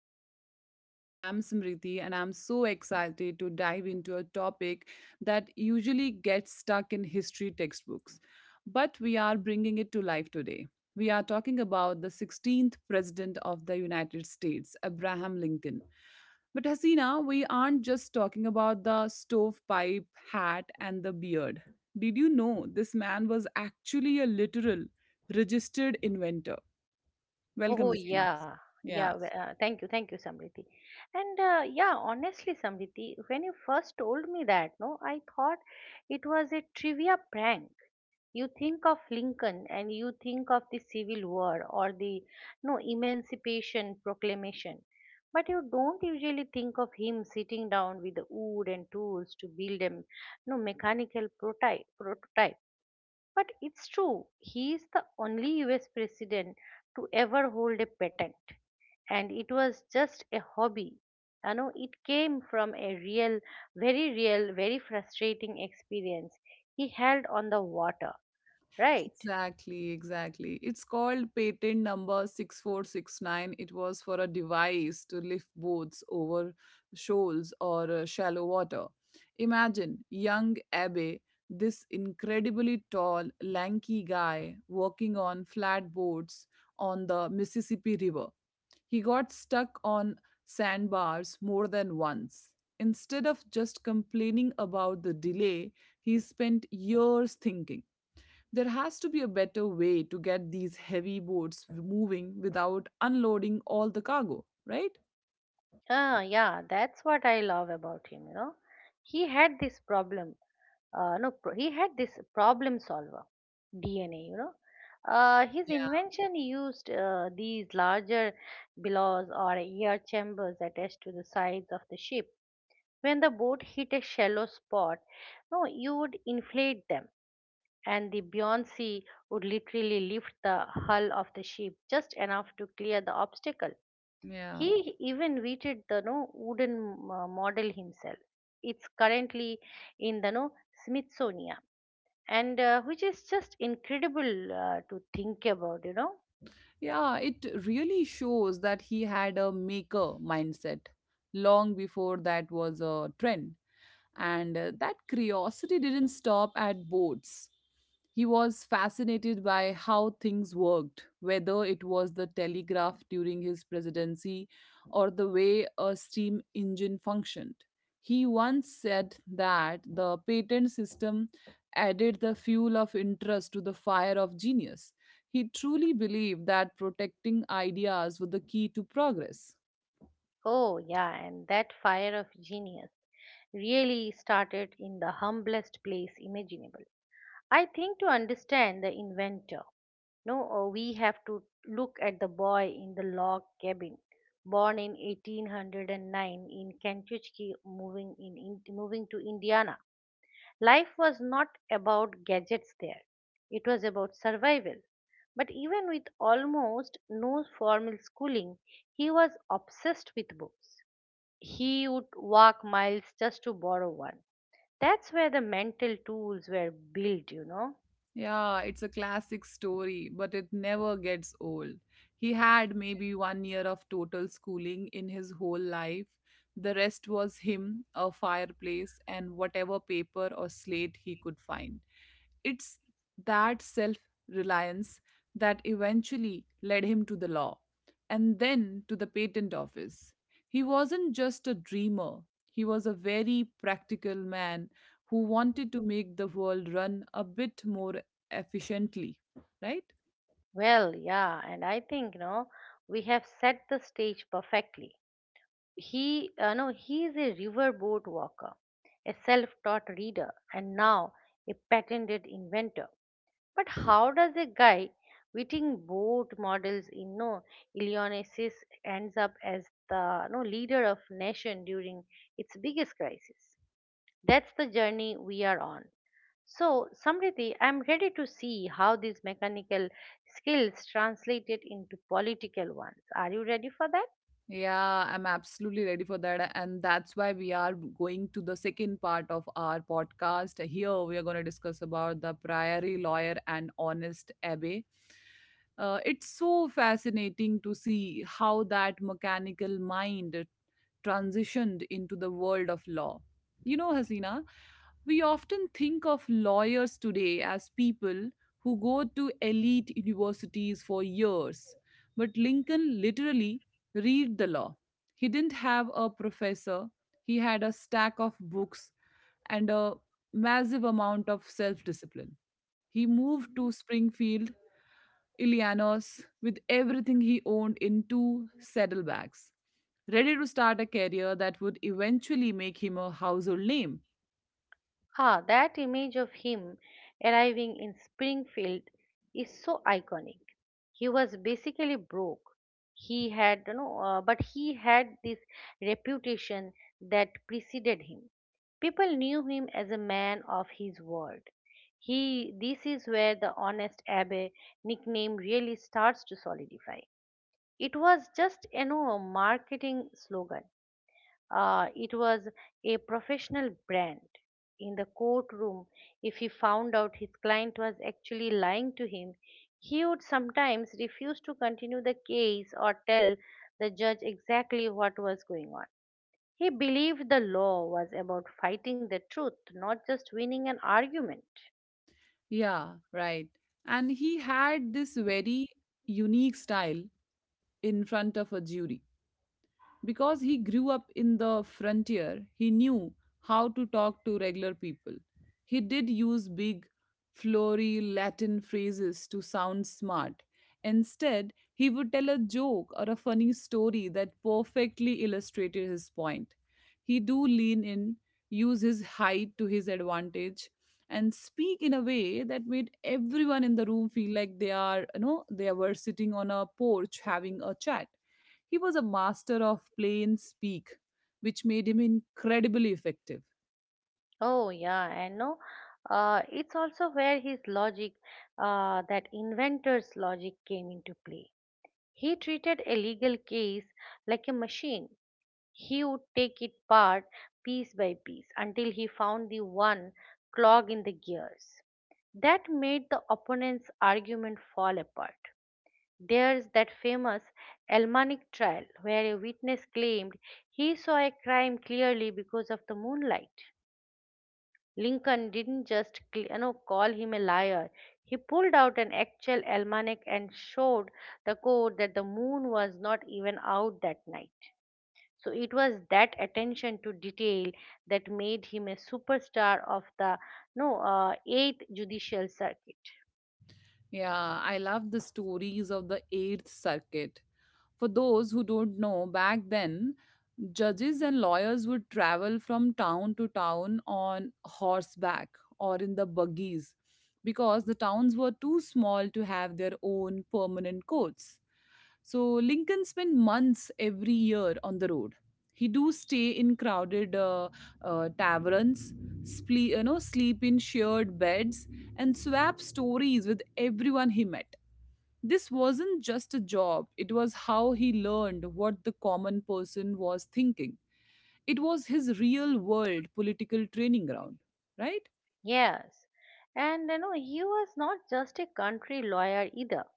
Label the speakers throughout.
Speaker 1: brand new series. I'm Smriti, and I'm so excited to dive into a topic that usually gets stuck in history textbooks. But we are bringing it to life today. We are talking about the 16th President of the United States, Abraham Lincoln. But Hasina, we aren't just talking about the stovepipe hat and the beard. Did you know this man was actually a literal registered inventor? Welcome,
Speaker 2: Oh,
Speaker 1: Zina.
Speaker 2: yeah, yeah.
Speaker 1: Yeah,
Speaker 2: Thank you, Samriti. And, yeah, honestly, Samriti, when you first told me that, no, I thought it was a trivia prank. You think of Lincoln and you think of the Civil War or the no Emancipation Proclamation, but you don't usually think of him sitting down with the wood and tools to build a m- no mechanical prototype. But it's true, he is the only US president to ever hold a patent. And it was just a hobby. You know, it came from a real, very real, very frustrating experience he held on the water, right?
Speaker 1: exactly. It's called patent number 6469. It was for a device to lift boats over shoals or shallow water. Imagine young Abe, this incredibly tall, lanky guy, working on flat boards on the Mississippi River. He got stuck on sandbars more than once. Instead of just complaining about the delay, he spent years thinking. There has to be a better way to get these heavy boats moving without unloading all the cargo, right?
Speaker 2: Ah, yeah, that's what I love about him. He had this problem, no pro- he had this problem solver DNA. His
Speaker 1: Yeah.
Speaker 2: invention used these larger billows or air chambers attached to the sides of the ship. When the boat hit a shallow spot, no you would inflate them, and the buoyancy would literally lift the hull of the ship just enough to clear the obstacle.
Speaker 1: Yeah.
Speaker 2: He even weighted the no wooden model himself. It's currently in the no Smithsonian, and, which is just incredible, to think about.
Speaker 1: Yeah, it really shows that he had a maker mindset long before that was a trend. And that curiosity didn't stop at boats. He was fascinated by how things worked, whether it was the telegraph during his presidency or the way a steam engine functioned. He once said that the patent system added the fuel of interest to the fire of genius. He truly believed that protecting ideas was the key to progress.
Speaker 2: Oh, yeah, and that fire of genius really started in the humblest place imaginable. I think to understand the inventor, no, we have to look at the boy in the log cabin, born in 1809 in Kentucky, moving in moving to Indiana. Life was not about gadgets there, it was about survival. But even with almost no formal schooling, he was obsessed with books. He would walk miles just to borrow one. That's where the mental tools were built.
Speaker 1: Yeah, it's a classic story, but it never gets old. He had maybe 1 year of total schooling in his whole life. The rest was him, a fireplace, and whatever paper or slate he could find. It's that self reliance that eventually led him to the law and then to the patent office. He wasn't just a dreamer, he was a very practical man who wanted to make the world run a bit more efficiently, right?
Speaker 2: Well, yeah, and I think, no, we have set the stage perfectly. He, no, he is a riverboat walker, a self taught reader, and now a patented inventor. But how does a guy witting both models in no Illinois ends up as the no leader of nation during its biggest crisis? That's the journey we are on. So, Samriti, I'm ready to see how these mechanical skills translated into political ones. Are you ready for that?
Speaker 1: Yeah, I'm absolutely ready for that. And that's why we are going to the second part of our podcast. Here, we are going to discuss about the Priory Lawyer and Honest Abbey. It's so fascinating to see how that mechanical mind transitioned into the world of law. You know, Hasina, we often think of lawyers today as people who go to elite universities for years. But Lincoln literally read the law. He didn't have a professor, he had a stack of books and a massive amount of self discipline. He moved to Springfield, Illinois, with everything he owned in two saddlebags, ready to start a career that would eventually make him a household name.
Speaker 2: Ah, that image of him arriving in Springfield is so iconic. He was basically broke. He had, but he had this reputation that preceded him. People knew him as a man of his word. This is where the honest Abbe nickname really starts to solidify. It was just, a marketing slogan. It was a professional brand. In the courtroom, if he found out his client was actually lying to him, he would sometimes refuse to continue the case or tell the judge exactly what was going on. He believed the law was about fighting the truth, not just winning an argument.
Speaker 1: Yeah, right. And he had this very unique style in front of a jury. Because he grew up in the frontier, he knew how to talk to regular people. He did use big, flowery Latin phrases to sound smart. Instead, he would tell a joke or a funny story that perfectly illustrated his point. He do lean in, use his height to his advantage, and speak in a way that made everyone in the room feel like they are, you know, they were sitting on a porch having a chat. He was a master of plain speak, which made him incredibly effective.
Speaker 2: Oh, yeah, I know. It's also where his logic, that inventor's logic, came into play. He treated a legal case like a machine. He would take it apart piece by piece until he found the one clog in the gears. That made the opponent's argument fall apart. There's that famous Elmanic trial where a witness claimed he saw a crime clearly because of the moonlight. Lincoln didn't just call him a liar. He pulled out an actual almanac and showed the court that the moon was not even out that night. So it was that attention to detail that made him a superstar of the no eighth judicial circuit.
Speaker 1: Yeah, I love the stories of the Eighth Circuit. For those who don't know, back then, judges and lawyers would travel from town to town on horseback or in the buggies because the towns were too small to have their own permanent courts. So Lincoln spent months every year on the road. He do stay in crowded taverns, sleep in shared beds, and swap stories with everyone he met. This wasn't just a job, it was how he learned what the common person was thinking. It was his real world political training ground, right?
Speaker 2: Yes, and you know he was not just a country lawyer either.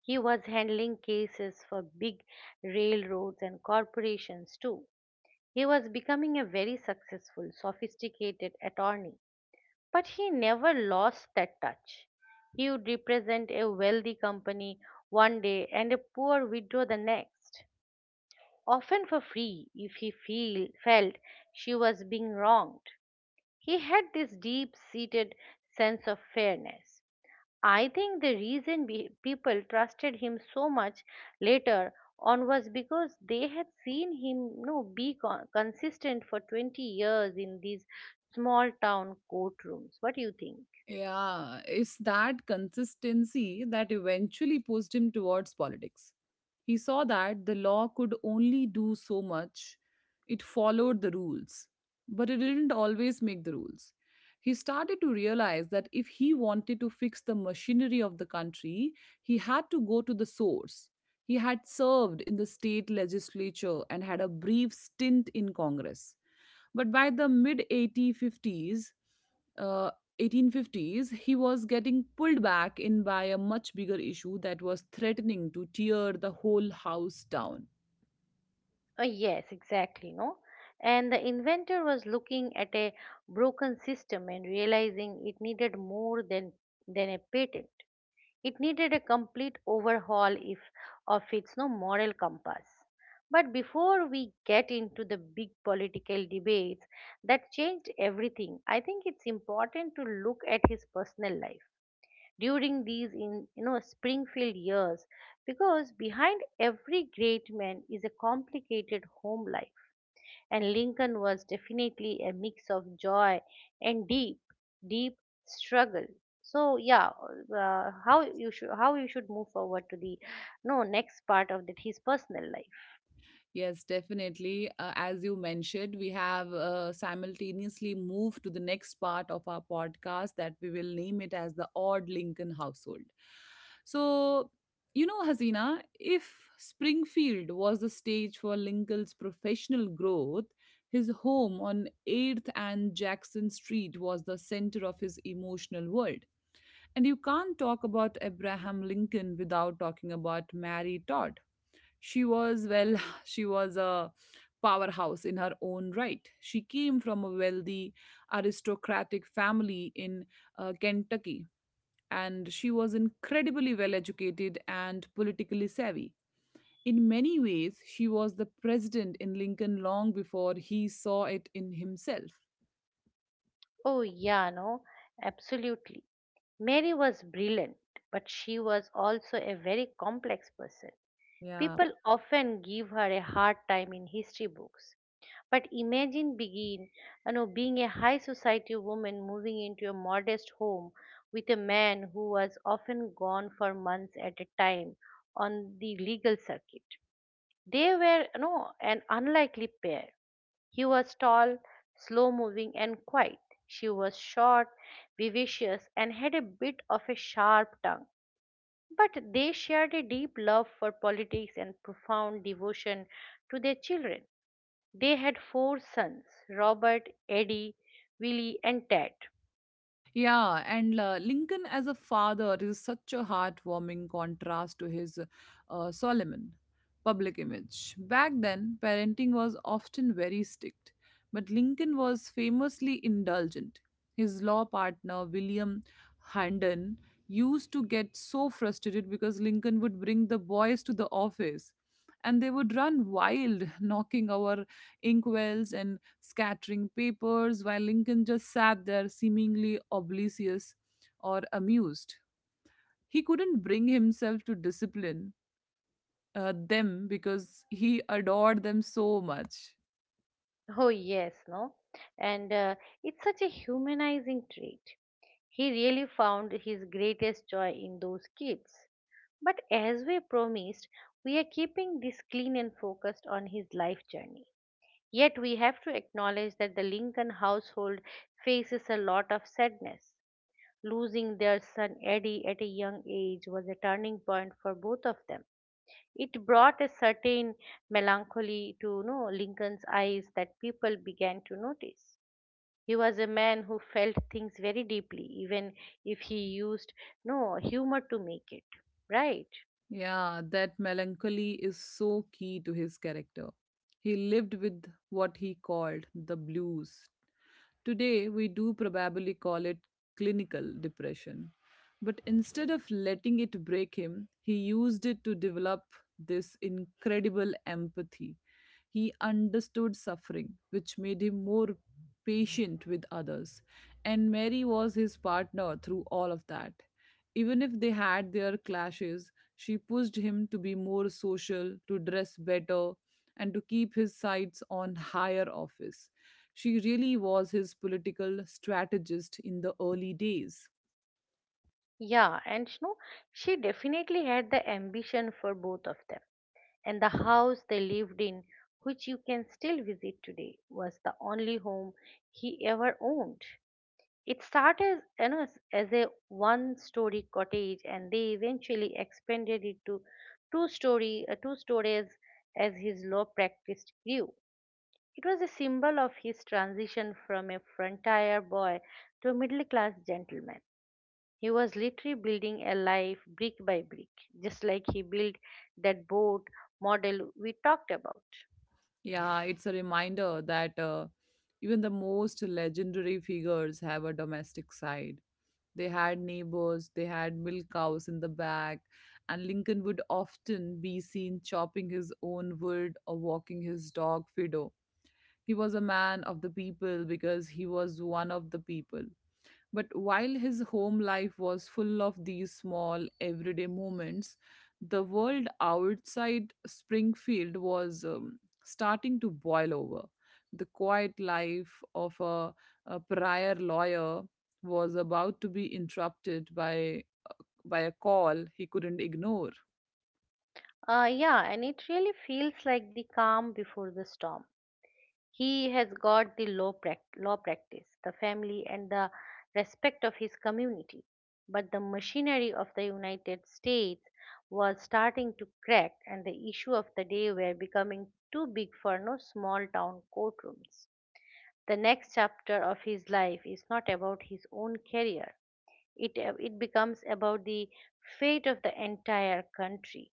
Speaker 2: He was handling cases for big railroads and corporations too. He was becoming a very successful, sophisticated attorney, but he never lost that touch. He would represent a wealthy company one day and a poor widow the next, often for free if he felt she was being wronged. He had this deep seated sense of fairness. I think the reason people trusted him so much later on was because they had seen him, consistent for 20 years in these small town courtrooms. What do you think?
Speaker 1: Yeah, it's that consistency that eventually pushed him towards politics. He saw that the law could only do so much. It followed the rules, but it didn't always make the rules. He started to realize that if he wanted to fix the machinery of the country, he had to go to the source. He had served in the state legislature and had a brief stint in Congress. But by the mid 1850s, uh. 1850s, he was getting pulled back in by a much bigger issue that was threatening to tear the whole house down.
Speaker 2: Yes, exactly, no? And the inventor was looking at a broken system and realizing it needed more than a patent. It needed a complete overhaul if, of its no moral compass. But before we get into the big political debates that changed everything, I think it's important to look at his personal life during these in you know Springfield years because behind every great man is a complicated home life and Lincoln was definitely a mix of joy and deep, deep struggle. So yeah, how you should move forward to the no next part of that his personal life.
Speaker 1: Yes, definitely. As you mentioned, we have simultaneously moved to the next part of our podcast that we will name it as the Odd Lincoln Household. So, you know, Hasina, if Springfield was the stage for Lincoln's professional growth, his home on 8th and Jackson Street was the center of his emotional world. And you can't talk about Abraham Lincoln without talking about Mary Todd. She was, well, she was a powerhouse in her own right. She came from a wealthy aristocratic family in Kentucky, and she was incredibly well educated and politically savvy. In many ways, she was the president in Lincoln long before he saw it in himself.
Speaker 2: Oh, yeah, no, absolutely. Mary was brilliant, but she was also a very complex person.
Speaker 1: Yeah.
Speaker 2: People often give her a hard time in history books. But imagine being a high society woman moving into a modest home with a man who was often gone for months at a time on the legal circuit. They were, an unlikely pair. He was tall, slow moving, and quiet. She was short, vivacious, and had a bit of a sharp tongue. But they shared a deep love for politics and profound devotion to their children. They had four sons: Robert, Eddie, Willie, and Ted.
Speaker 1: Yeah, and Lincoln as a father is such a heartwarming contrast to his Solomon public image. Back then, parenting was often very strict, but Lincoln was famously indulgent. His law partner, William Handon, used to get so frustrated because Lincoln would bring the boys to the office and they would run wild, knocking over inkwells and scattering papers, while Lincoln just sat there seemingly oblivious or amused. He couldn't bring himself to discipline them because he adored them so much.
Speaker 2: Oh, yes, no? And, it's such a humanizing trait. He really found his greatest joy in those kids. But as we promised, we are keeping this clean and focused on his life journey. Yet we have to acknowledge that the Lincoln household faces a lot of sadness. Losing their son Eddie at a young age was a turning point for both of them. It brought a certain melancholy to, Lincoln's eyes that people began to notice. He was a man who felt things very deeply, even if he used no humor to make it. Right?
Speaker 1: Yeah, that melancholy is so key to his character. He lived with what he called the blues. Today, we do probably call it clinical depression. But instead of letting it break him, he used it to develop this incredible empathy. He understood suffering, which made him more patient with others. And Mary was his partner through all of that. Even if they had their clashes, she pushed him to be more social, to dress better, and to keep his sights on higher office. She really was his political strategist in the early days.
Speaker 2: Yeah, and, she definitely had the ambition for both of them. And the house they lived in, which you can still visit today, was the only home he ever owned. It started, as a one story cottage, and they eventually expanded it to two stories as his law practice grew. It was a symbol of his transition from a frontier boy to a middle class gentleman. He was literally building a life brick by brick, just like he built that boat model we talked about.
Speaker 1: Yeah, it's a reminder that even the most legendary figures have a domestic side. They had neighbors, they had milk cows in the back, and Lincoln would often be seen chopping his own wood or walking his dog Fido. He was a man of the people because he was one of the people. But while his home life was full of these small, everyday moments, the world outside Springfield was starting to boil over. The quiet life of a prior lawyer was about to be interrupted by a call he couldn't ignore.
Speaker 2: Yeah, and it really feels like the calm before the storm. He has got the law practice, the family, and the respect of his community. But the machinery of the United States was starting to crack, and the issues of the day were becoming too big for no small town courtrooms. The next chapter of his life is not about his own career, it becomes about the fate of the entire country.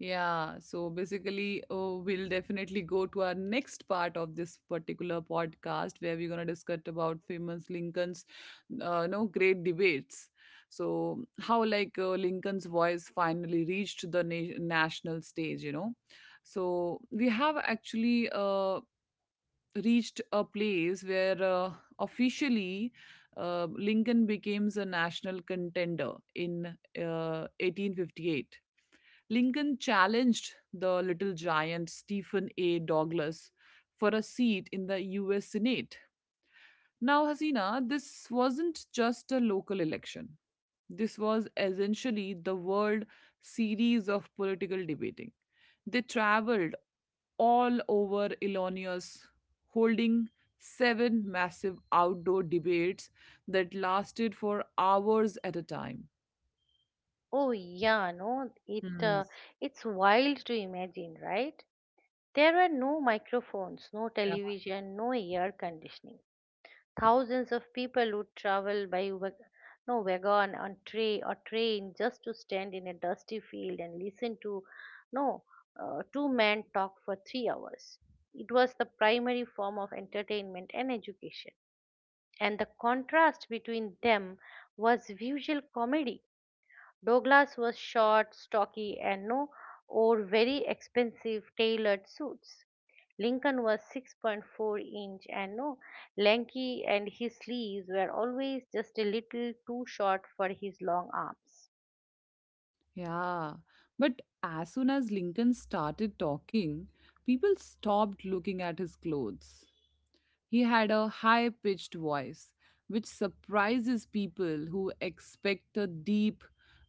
Speaker 1: Yeah, so basically, oh, we'll definitely go to our next part of this particular podcast where we're going to discuss about famous Lincoln's, no, great debates. So how like Lincoln's voice finally reached the national stage, you know. So we have actually reached a place where officially Lincoln becomes a national contender in 1858. Lincoln challenged the little giant Stephen A. Douglas for a seat in the US Senate. Now, Hasina, this wasn't just a local election. This was essentially the world series of political debating. They traveled all over Illinois, holding seven massive outdoor debates that lasted for hours at a time.
Speaker 2: Oh, yeah, no,
Speaker 1: Hmm.
Speaker 2: it's wild to imagine, right? There were no microphones, no television, no air conditioning. Thousands of people would travel by wag- no wagon on tray or train just to stand in a dusty field and listen to no two men talk for 3 hours. It was the primary form of entertainment and education. And the contrast between them was visual comedy. Douglas was short, stocky, and no wore very expensive tailored suits. Lincoln was 6.4 inch and no lanky, and his sleeves were always just a little too short for his long arms.
Speaker 1: Yeah, but as soon as Lincoln started talking, people stopped looking at his clothes. He had a high pitched voice, which surprises people who expect a deep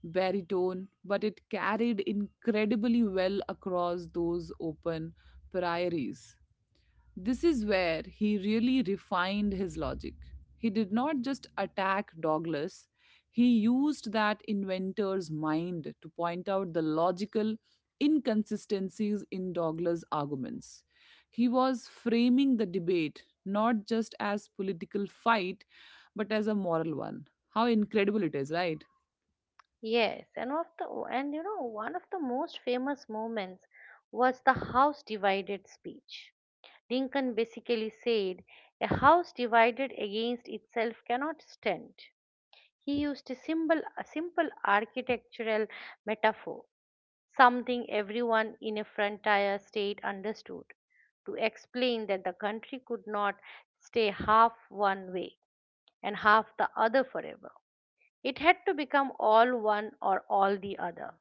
Speaker 1: baritone, but it carried incredibly well across those open prairies. This is where he really refined his logic. He did not just attack Douglas, he used that inventor's mind to point out the logical inconsistencies in Douglas' arguments. He was framing the debate not just as political fight but as a moral one. How incredible it is, right?
Speaker 2: Yes, and of the and you know one of the most famous moments was the house divided speech. Lincoln basically said, "A house divided against itself cannot stand." He used a simple architectural metaphor, something everyone in a frontier state understood, to explain that the country could not stay half one way and half the other forever. It had to become all one or all the other.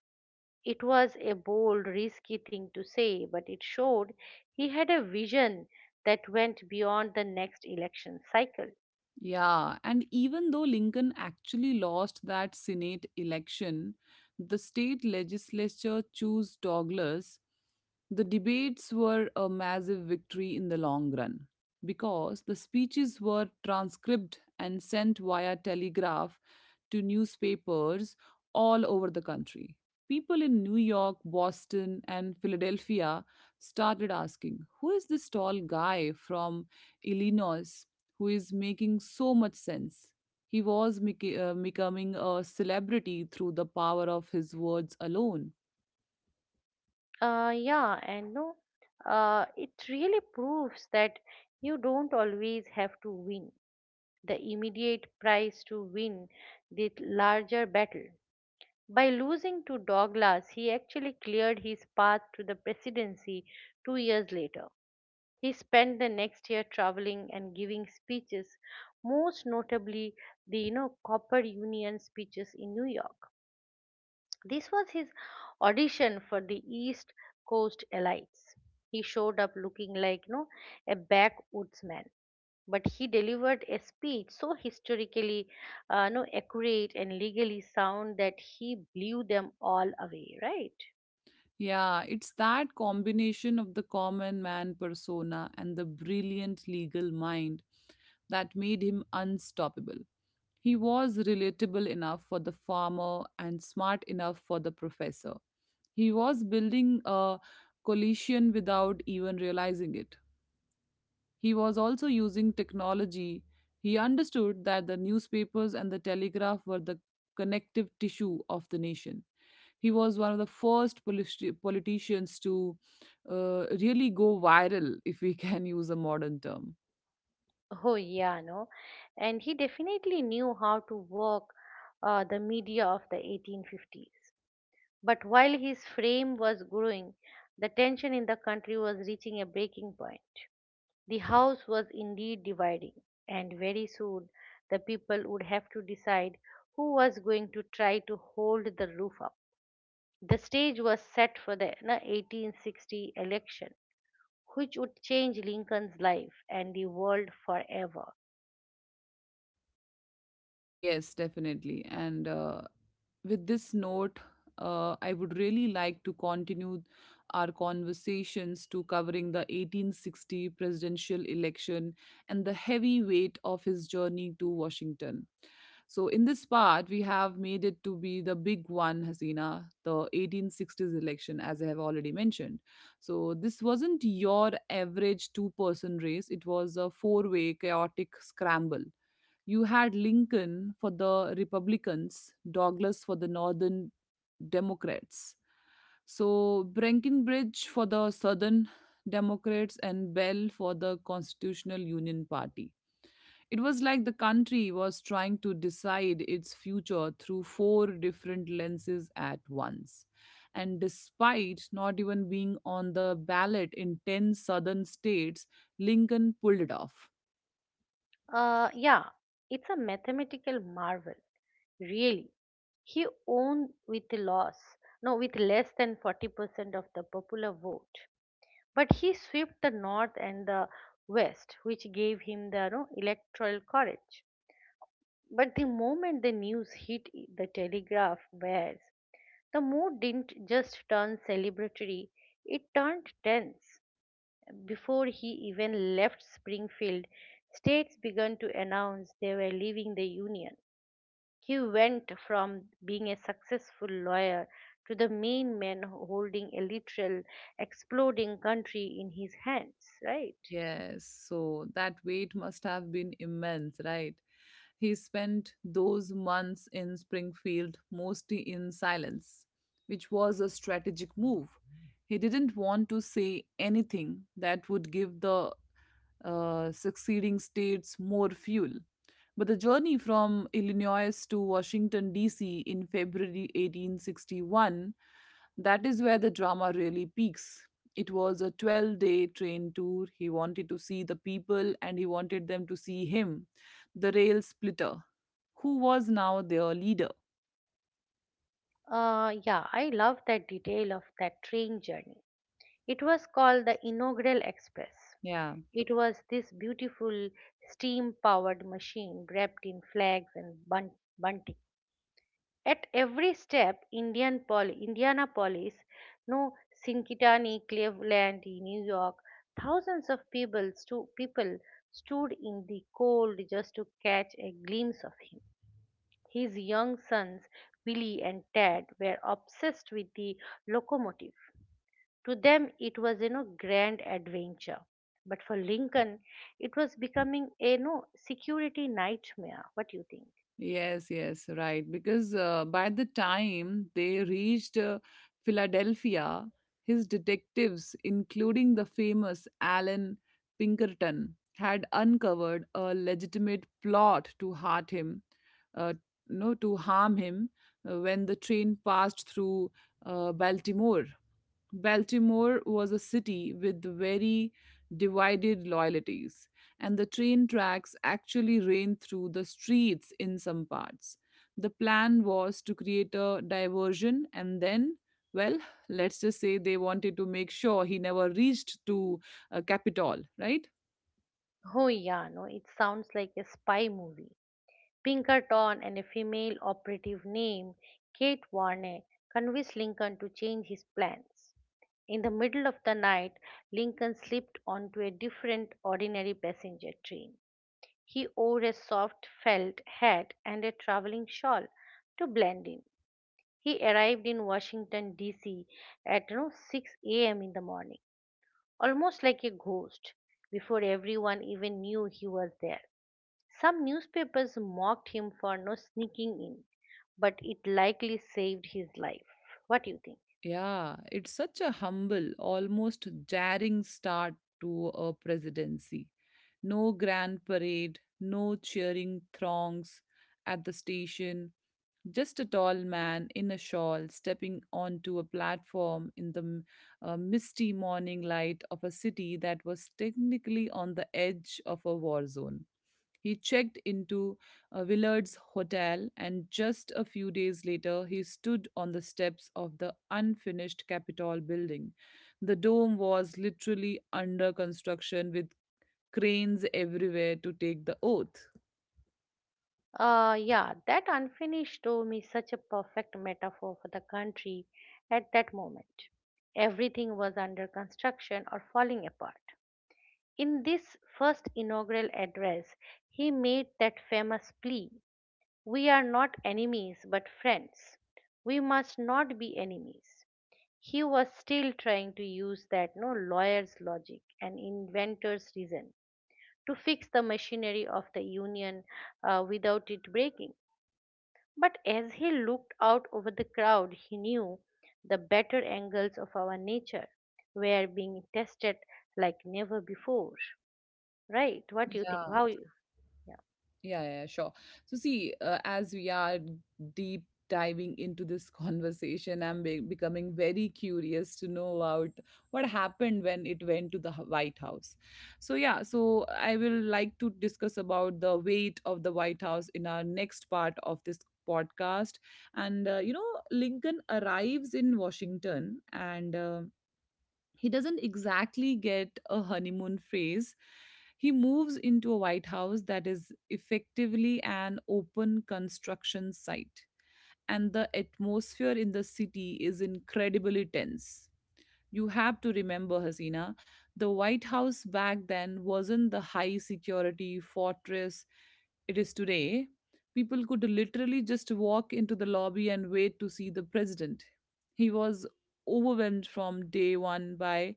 Speaker 2: It was a bold, risky thing to say, but it showed he had a vision that went beyond the next election cycle.
Speaker 1: Yeah, and even though Lincoln actually lost that Senate election, the state legislature chose Douglas. The debates were a massive victory in the long run because the speeches were transcribed and sent via telegraph to newspapers all over the country. People in New York, Boston, and Philadelphia started asking, "Who is this tall guy from Illinois who is making so much sense?" He was becoming a celebrity through the power of his words alone.
Speaker 2: Yeah, and, no, it really proves that you don't always have to win the immediate prize to win the larger battle. By losing to Douglas, he actually cleared his path to the presidency 2 years later. He spent the next year traveling and giving speeches, most notably the, Copper Union speeches in New York. This was his audition for the East Coast elites. He showed up looking like, a backwoodsman, but he delivered a speech so historically, no, accurate and legally sound that he blew them all away, right?
Speaker 1: Yeah, it's that combination of the common man persona and the brilliant legal mind that made him unstoppable. He was relatable enough for the farmer and smart enough for the professor. He was building a coalition without even realizing it. He was also using technology. He understood that the newspapers and the telegraph were the connective tissue of the nation. He was one of the first politicians to really go viral, if we can use a modern term.
Speaker 2: Oh, yeah, no. And he definitely knew how to work, the media of the 1850s. But while his fame was growing, the tension in the country was reaching a breaking point. The house was indeed dividing, and very soon the people would have to decide who was going to try to hold the roof up. The stage was set for the 1860 election, which would change Lincoln's life and the world forever.
Speaker 1: Yes, definitely. And with this note, I would really like to continue our conversations to covering the 1860 presidential election and the heavy weight of his journey to Washington. So, in this part, we have made it to be the big one, Hasina, the 1860s election, as I have already mentioned. So, this wasn't your average two-person race, it was a four-way chaotic scramble. You had Lincoln for the Republicans, Douglas for the Northern Democrats. So Breckinridge for the Southern Democrats and Bell for the Constitutional Union Party. It was like the country was trying to decide its future through four different lenses at once. And despite not even being on the ballot in 10 southern states, Lincoln pulled it off.
Speaker 2: Yeah, it's a mathematical marvel, really. He won with loss, no, with less than 40% of the popular vote. But he swept the north and the west, which gave him the electoral courage. But the moment the news hit the telegraph wires, the mood didn't just turn celebratory, it turned tense. Before he even left Springfield, states began to announce they were leaving the Union. He went from being a successful lawyer to the main man holding a literal exploding country in his hands, right?
Speaker 1: Yes, so that weight must have been immense, right? He spent those months in Springfield mostly in silence, which was a strategic move. He didn't want to say anything that would give the succeeding states more fuel. But the journey from Illinois to Washington, D.C. in February 1861, that is where the drama really peaks. It was a 12-day train tour. He wanted to see the people and he wanted them to see him, the rail splitter, who was now their leader.
Speaker 2: Yeah, I love that detail of that train journey. It was called the Inaugural Express.
Speaker 1: Yeah.
Speaker 2: It was this beautiful steam powered machine wrapped in flags and bunting. At every step, Indianapolis, no Cincinnati, Cleveland, New York, thousands of people stood in the cold just to catch a glimpse of him. His young sons, Billy and Tad, were obsessed with the locomotive. To them, it was a no grand adventure. But for Lincoln, it was becoming a no security nightmare. What do you think?
Speaker 1: Yes, yes, right. Because by the time they reached Philadelphia, his detectives, including the famous Alan Pinkerton, had uncovered a legitimate plot to hurt him, uh, no, to harm him when the train passed through Baltimore. Baltimore was a city with very divided loyalties and the train tracks actually ran through the streets in some parts. The plan was to create a diversion and then, well, let's just say they wanted to make sure he never reached to Capitol, right?
Speaker 2: Oh, yeah, no, it sounds like a spy movie. Pinkerton and a female operative named Kate Warner convinced Lincoln to change his plans. In the middle of the night, Lincoln slipped onto a different ordinary passenger train. He wore a soft felt hat and a traveling shawl to blend in. He arrived in Washington, D.C. at 6 a.m. in the morning, almost like a ghost, before everyone even knew he was there. Some newspapers mocked him for no sneaking in, but it likely saved his life. What do you think?
Speaker 1: Yeah, it's such a humble, almost jarring start to a presidency. No grand parade, no cheering throngs at the station. Just a tall man in a shawl stepping onto a platform in the misty morning light of a city that was technically on the edge of a war zone. He checked into Willard's hotel, and just a few days later, he stood on the steps of the unfinished Capitol building. The dome was literally under construction with cranes everywhere to take the oath.
Speaker 2: Yeah, that unfinished dome is such a perfect metaphor for the country at that moment. Everything was under construction or falling apart. In this first inaugural address, he made that famous plea: "We are not enemies but friends. We must not be enemies." He was still trying to use that no lawyer's logic and inventor's reason to fix the machinery of the union without it breaking. But as he looked out over the crowd, he knew the better angles of our nature were being tested like never before. Right? What do you think? How you? Yeah.
Speaker 1: Yeah, yeah, yeah, sure. So, see, as we are deep diving into this conversation, I'm becoming very curious to know about what happened when it went to the White House. So, yeah, so I will like to discuss about the weight of the White House in our next part of this podcast. And, you know, Lincoln arrives in Washington and. He doesn't exactly get a honeymoon phase. He moves into a White House that is effectively an open construction site. And the atmosphere in the city is incredibly tense. You have to remember, Hasina, the White House back then wasn't the high security fortress it is today. People could literally just walk into the lobby and wait to see the president. He was overwhelmed from day one by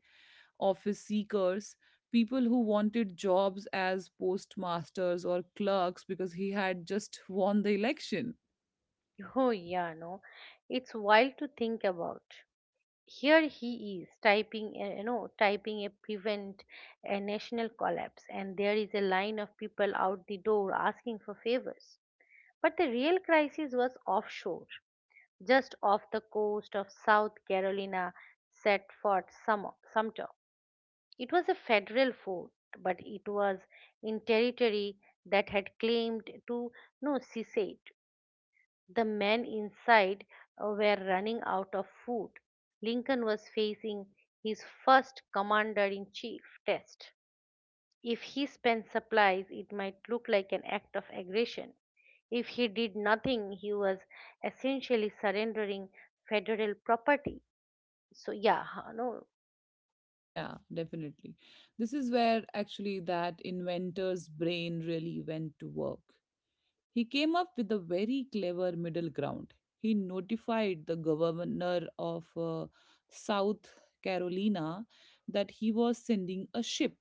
Speaker 1: office seekers, people who wanted jobs as postmasters or clerks because he had just won the election.
Speaker 2: Oh, yeah, no. It's wild to think about. Here he is typing, typing a prevent a national collapse, and there is a line of people out the door asking for favors. But the real crisis was offshore, just off the coast of South Carolina, set Sumter. It was a federal fort, but it was in territory that had claimed to no secede. The men inside were running out of food. Lincoln was facing his first commander in chief test. If he spent supplies, it might look like an act of aggression. If he did nothing, he was essentially surrendering federal property. So yeah, huh, no.
Speaker 1: Yeah, definitely. This is where actually that inventor's brain really went to work. He came up with a very clever middle ground. He notified the governor of South Carolina that he was sending a ship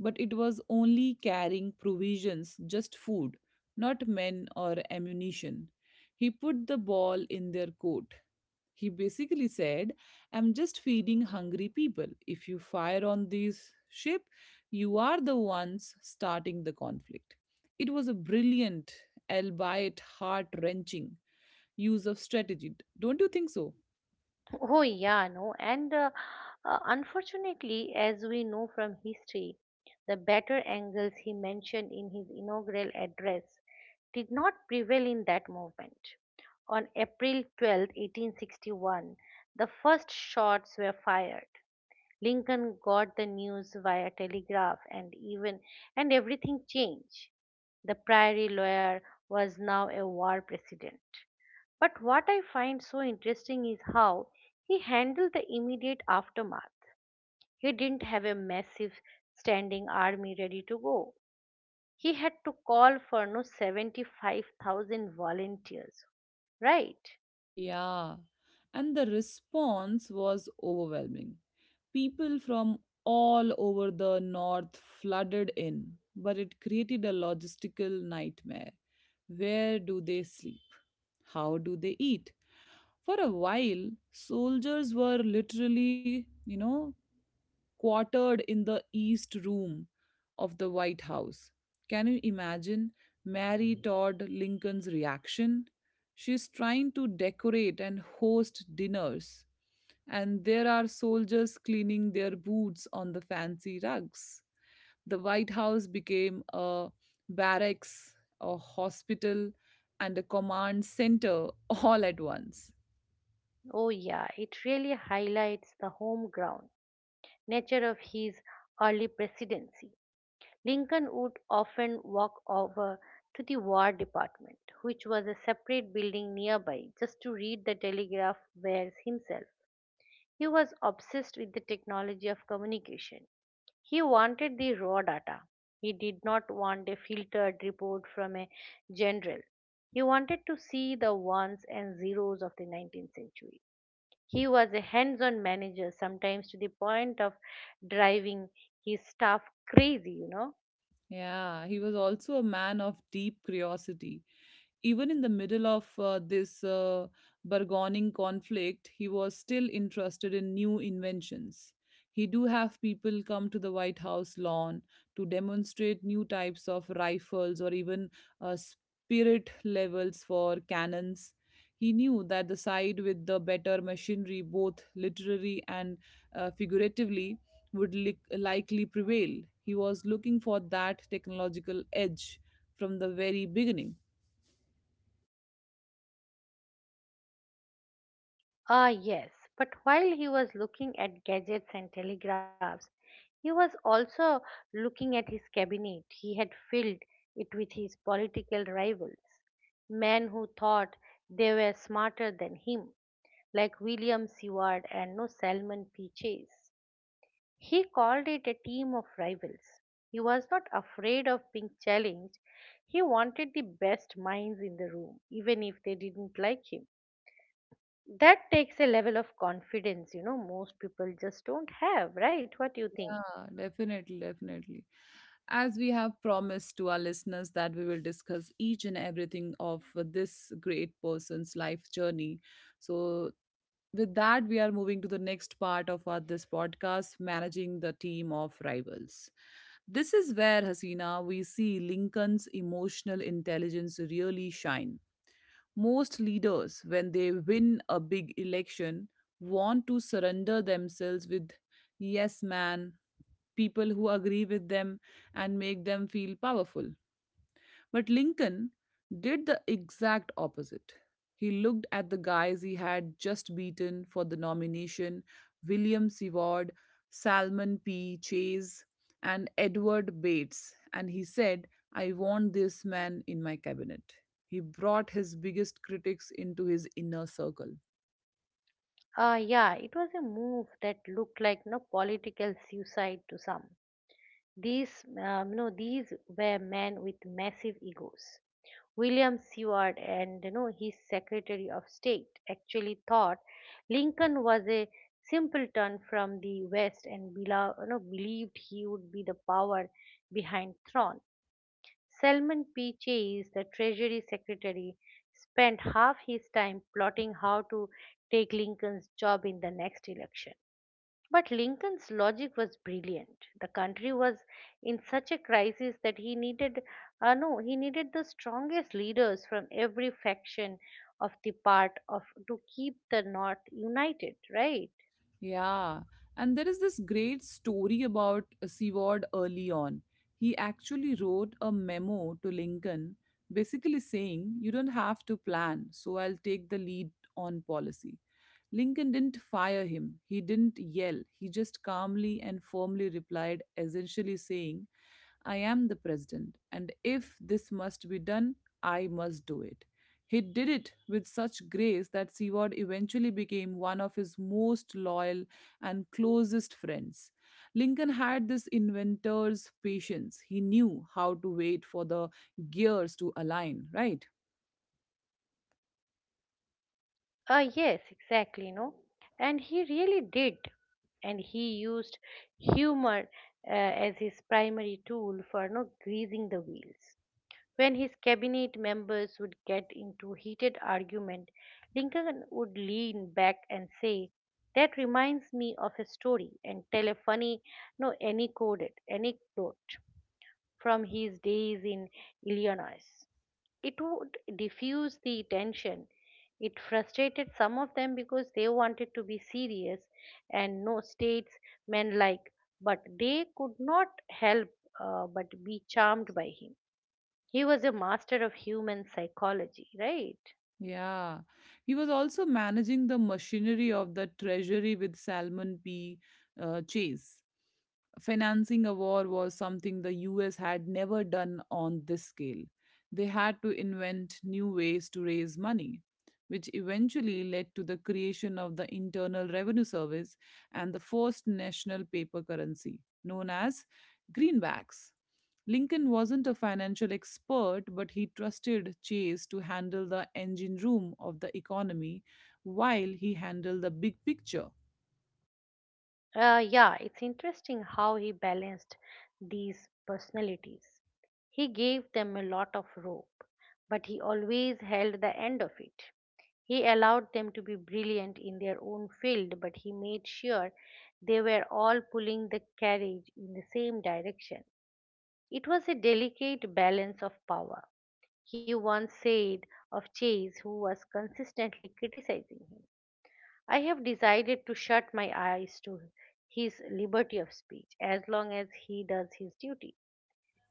Speaker 1: but it was only carrying provisions, just food, not men or ammunition. He put the ball in their court. He basically said, "I'm just feeding hungry people. If you fire on this ship, you are the ones starting the conflict." It was a brilliant, albeit heart wrenching, use of strategy. Don't you think so?
Speaker 2: Oh, yeah, no, and unfortunately, as we know from history, the better angles he mentioned in his inaugural address did not prevail in that movement. On April 12th, 1861, the first shots were fired. Lincoln got the news via telegraph and everything changed. The priory lawyer was now a war president. But what I find so interesting is how he handled the immediate aftermath. He didn't have a massive standing army ready to go. He had to call for no 75,000 volunteers, right?
Speaker 1: Yeah, and the response was overwhelming. People from all over the north flooded in, but it created a logistical nightmare. Where do they sleep? How do they eat? For a while, soldiers were literally, you know, quartered in the East Room of the White House. Can you imagine Mary Todd Lincoln's reaction? She's trying to decorate and host dinners, and there are soldiers cleaning their boots on the fancy rugs. The White House became a barracks, a hospital, and a command center all at once.
Speaker 2: Oh, yeah, it really highlights the home ground nature of his early presidency. Lincoln would often walk over to the War Department, which was a separate building nearby, just to read the telegraph wires himself. He was obsessed with the technology of communication. He wanted the raw data. He did not want a filtered report from a general. He wanted to see the ones and zeros of the 19th century. He was a hands on manager, sometimes to the point of driving his staff crazy, you know.
Speaker 1: Yeah, he was also a man of deep curiosity. Even in the middle of this burgeoning conflict, he was still interested in new inventions. He do have people come to the White House lawn to demonstrate new types of rifles or even spirit levels for cannons. He knew that the side with the better machinery, both literally and figuratively, would li likely prevail. He was looking for that technological edge from the very beginning.
Speaker 2: Ah, yes, but while he was looking at gadgets and telegraphs, he was also looking at his cabinet. He had filled it with his political rivals, men who thought they were smarter than him, like William Seward and no Salmon P. Chase. He called it a team of rivals. He was not afraid of being challenged. He wanted the best minds in the room, even if they didn't like him. That takes a level of confidence, you know, most people just don't have, right? What do you think?
Speaker 1: Yeah, definitely, definitely. As we have promised to our listeners that we will discuss each and everything of this great person's life journey. So, with that, we are moving to the next part of our, this podcast managing the team of rivals. This is where, Hasina, we see Lincoln's emotional intelligence really shine. Most leaders, when they win a big election, want to surrender themselves with yes man, people who agree with them and make them feel powerful. But Lincoln did the exact opposite. He looked at the guys he had just beaten for the nomination, William Seward, Salmon P. Chase, and Edward Bates, and he said, "I want this man in my cabinet." He brought his biggest critics into his inner circle.
Speaker 2: Yeah, it was a move that looked like no political suicide to some. These were men with massive egos. William Seward and you know his Secretary of State actually thought Lincoln was a simpleton from the West and believed he would be the power behind Thorn. Salman P. Chase, the Treasury Secretary, spent half his time plotting how to take Lincoln's job in the next election. But Lincoln's logic was brilliant. The country was in such a crisis that he needed, no, he needed the strongest leaders from every faction of the part of to keep the North united. Right?
Speaker 1: Yeah, and there is this great story about Seward early on. He actually wrote a memo to Lincoln basically saying, "You don't have to plan, so I'll take the lead on policy." Lincoln didn't fire him, he didn't yell, he just calmly and firmly replied, essentially saying, "I am the president, and if this must be done, I must do it." He did it with such grace that Seward eventually became one of his most loyal and closest friends. Lincoln had this inventor's patience. He knew how to wait for the gears to align, right?
Speaker 2: Yes, exactly, no. And he really did. And he used humor as his primary tool for no greasing the wheels. When his cabinet members would get into heated argument, Lincoln would lean back and say, "That reminds me of a story," and tell a funny, no, any anecdote from his days in Illinois. It would diffuse the tension. It frustrated some of them because they wanted to be serious and no states men like, but they could not help but be charmed by him. He was a master of human psychology, right?
Speaker 1: Yeah. He was also managing the machinery of the treasury with Salmon P. Chase. Financing a war was something the US had never done on this scale. They had to invent new ways to raise money, which eventually led to the creation of the Internal Revenue Service and the first national paper currency, known as greenbacks. Lincoln wasn't a financial expert, but he trusted Chase to handle the engine room of the economy while he handled the big picture.
Speaker 2: Yeah, it's interesting how he balanced these personalities. He gave them a lot of rope, but he always held the end of it. He allowed them to be brilliant in their own field, but he made sure they were all pulling the carriage in the same direction. It was a delicate balance of power. He once said of Chase, who was consistently criticizing him, "I have decided to shut my eyes to his liberty of speech as long as he does his duty."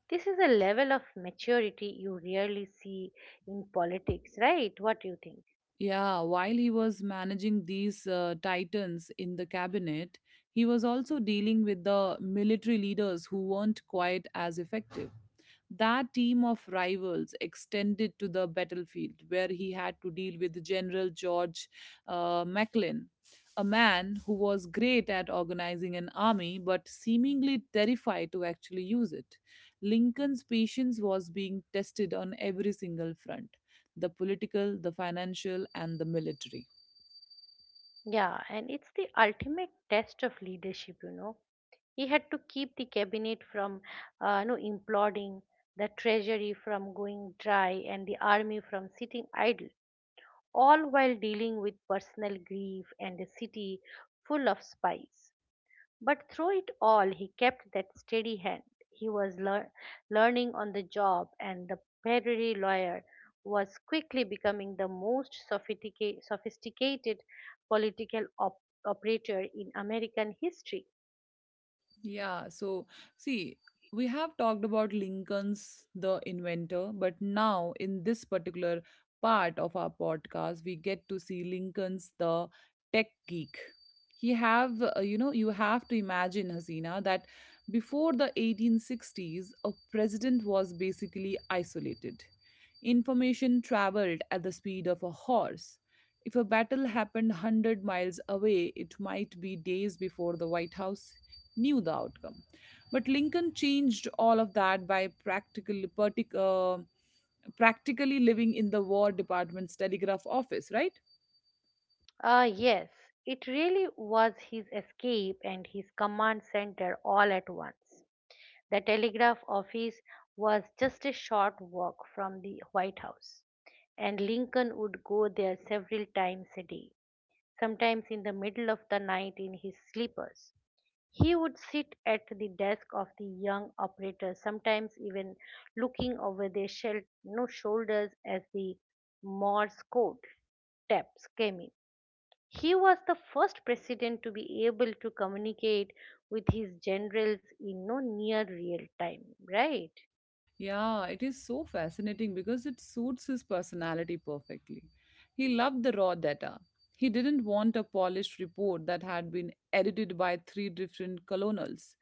Speaker 2: This is a level of maturity you rarely see in politics, right? What do you think?
Speaker 1: Yeah, while he was managing these titans in the cabinet, he was also dealing with the military leaders who weren't quite as effective. That team of rivals extended to the battlefield, where he had to deal with General George Macklin, a man who was great at organizing an army but seemingly terrified to actually use it. Lincoln's patience was being tested on every single front, the political, the financial, and the military.
Speaker 2: Yeah, and it's the ultimate test of leadership, you know. He had to keep the cabinet from, no, imploding, the treasury from going dry, and the army from sitting idle, all while dealing with personal grief and a city full of spies. But through it all, he kept that steady hand. He was learning on the job, and the prairie lawyer was quickly becoming the most sophisticated political operator in American history.
Speaker 1: Yeah, so see, we have talked about Lincoln's the inventor, but now in this particular part of our podcast, we get to see Lincoln's the tech geek. He have, you know, you have to imagine, Hasina, that before the 1860s, a president was basically isolated. Information traveled at the speed of a horse. If a battle happened 100 miles away, it might be days before the White House knew the outcome. But Lincoln changed all of that by practically living in the War Department's telegraph office, right?
Speaker 2: Ah, yes, it really was his escape and his command center all at once. The telegraph office was just a short walk from the White House, and Lincoln would go there several times a day, sometimes in the middle of the night in his slippers. He would sit at the desk of the young operator, sometimes even looking over their shel- no shoulders as the Morse code taps came in. He was the first president to be able to communicate with his generals in no near real time, right?
Speaker 1: Yeah, it is so fascinating because it suits his personality perfectly. He loved the raw data. He didn't want a polished report that had been edited by three different colonels.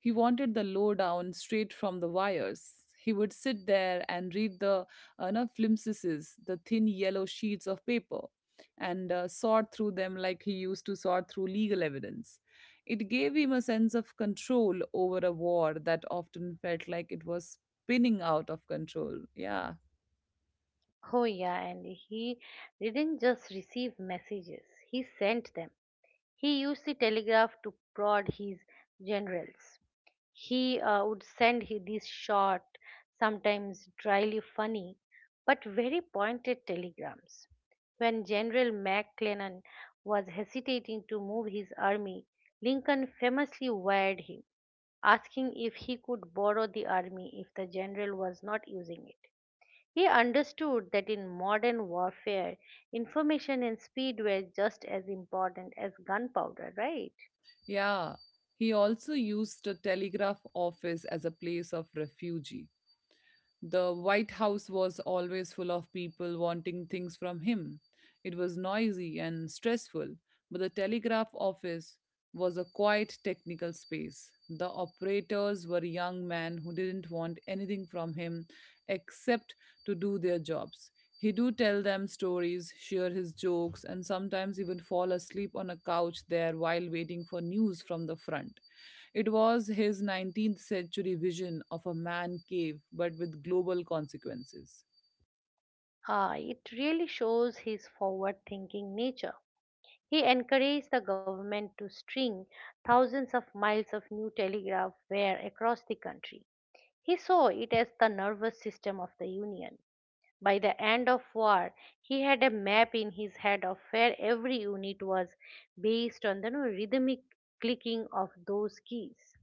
Speaker 1: He wanted the lowdown straight from the wires. He would sit there and read the no, flimsies, the thin yellow sheets of paper, and sort through them like he used to sort through legal evidence. It gave him a sense of control over a war that often felt like it was spinning out of control. Yeah,
Speaker 2: Oh, yeah, and he didn't just receive messages, he sent them. He used the telegraph to prod his generals. He would send these short, sometimes dryly funny, but very pointed telegrams. When General McClellan was hesitating to move his army, Lincoln famously wired him, asking if he could borrow the army if the general was not using it. He understood that in modern warfare, information and speed were just as important as gunpowder, right?
Speaker 1: yeah. He also used the telegraph office as a place of refuge. The White House was always full of people wanting things from him. It was noisy and stressful, but the telegraph office was a quiet technical space. The operators were young men who didn't want anything from him except to do their jobs. He do tell them stories, share his jokes, and sometimes even fall asleep on a couch there while waiting for news from the front. It was his 19th century vision of a man cave, but with global consequences.
Speaker 2: Ah, it really shows his forward thinking nature. He encouraged the government to string thousands of miles of new telegraph wire across the country. He saw it as the nervous system of the Union. By the end of war, he had a map in his head of where every unit was based on the rhythmic clicking of those keys.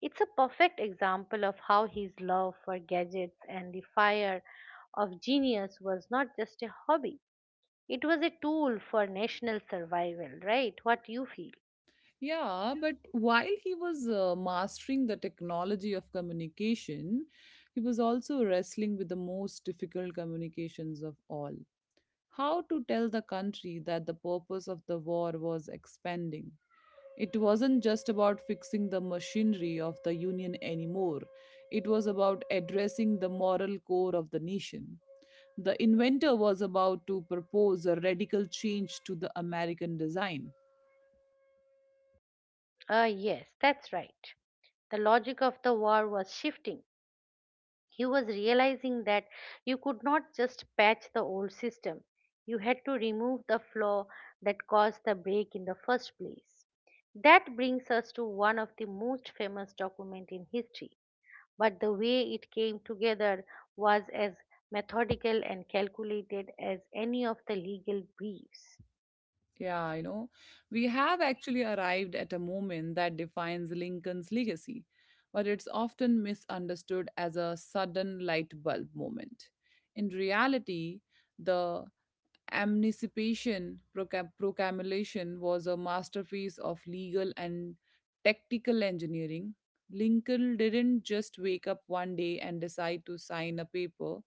Speaker 2: It's a perfect example of how his love for gadgets and the fire of genius was not just a hobby, it was a tool for national survival, right? What you feel?
Speaker 1: Yeah, but while he was mastering the technology of communication, he was also wrestling with the most difficult communications of all. How to tell the country that the purpose of the war was expanding? It wasn't just about fixing the machinery of the Union anymore, it was about addressing the moral core of the nation. The inventor was about to propose a radical change to the American design.
Speaker 2: Ah, yes, that's right. The logic of the war was shifting. He was realizing that you could not just patch the old system, you had to remove the flaw that caused the break in the first place. That brings us to one of the most famous documents in history, but the way it came together was as methodical and calculated as any of the legal briefs.
Speaker 1: Yeah, you know, we have actually arrived at a moment that defines Lincoln's legacy, but it's often misunderstood as a sudden light bulb moment. In reality, the Proclamation was a masterpiece of legal and tactical engineering. Lincoln didn't just wake up one day and decide to sign a paper.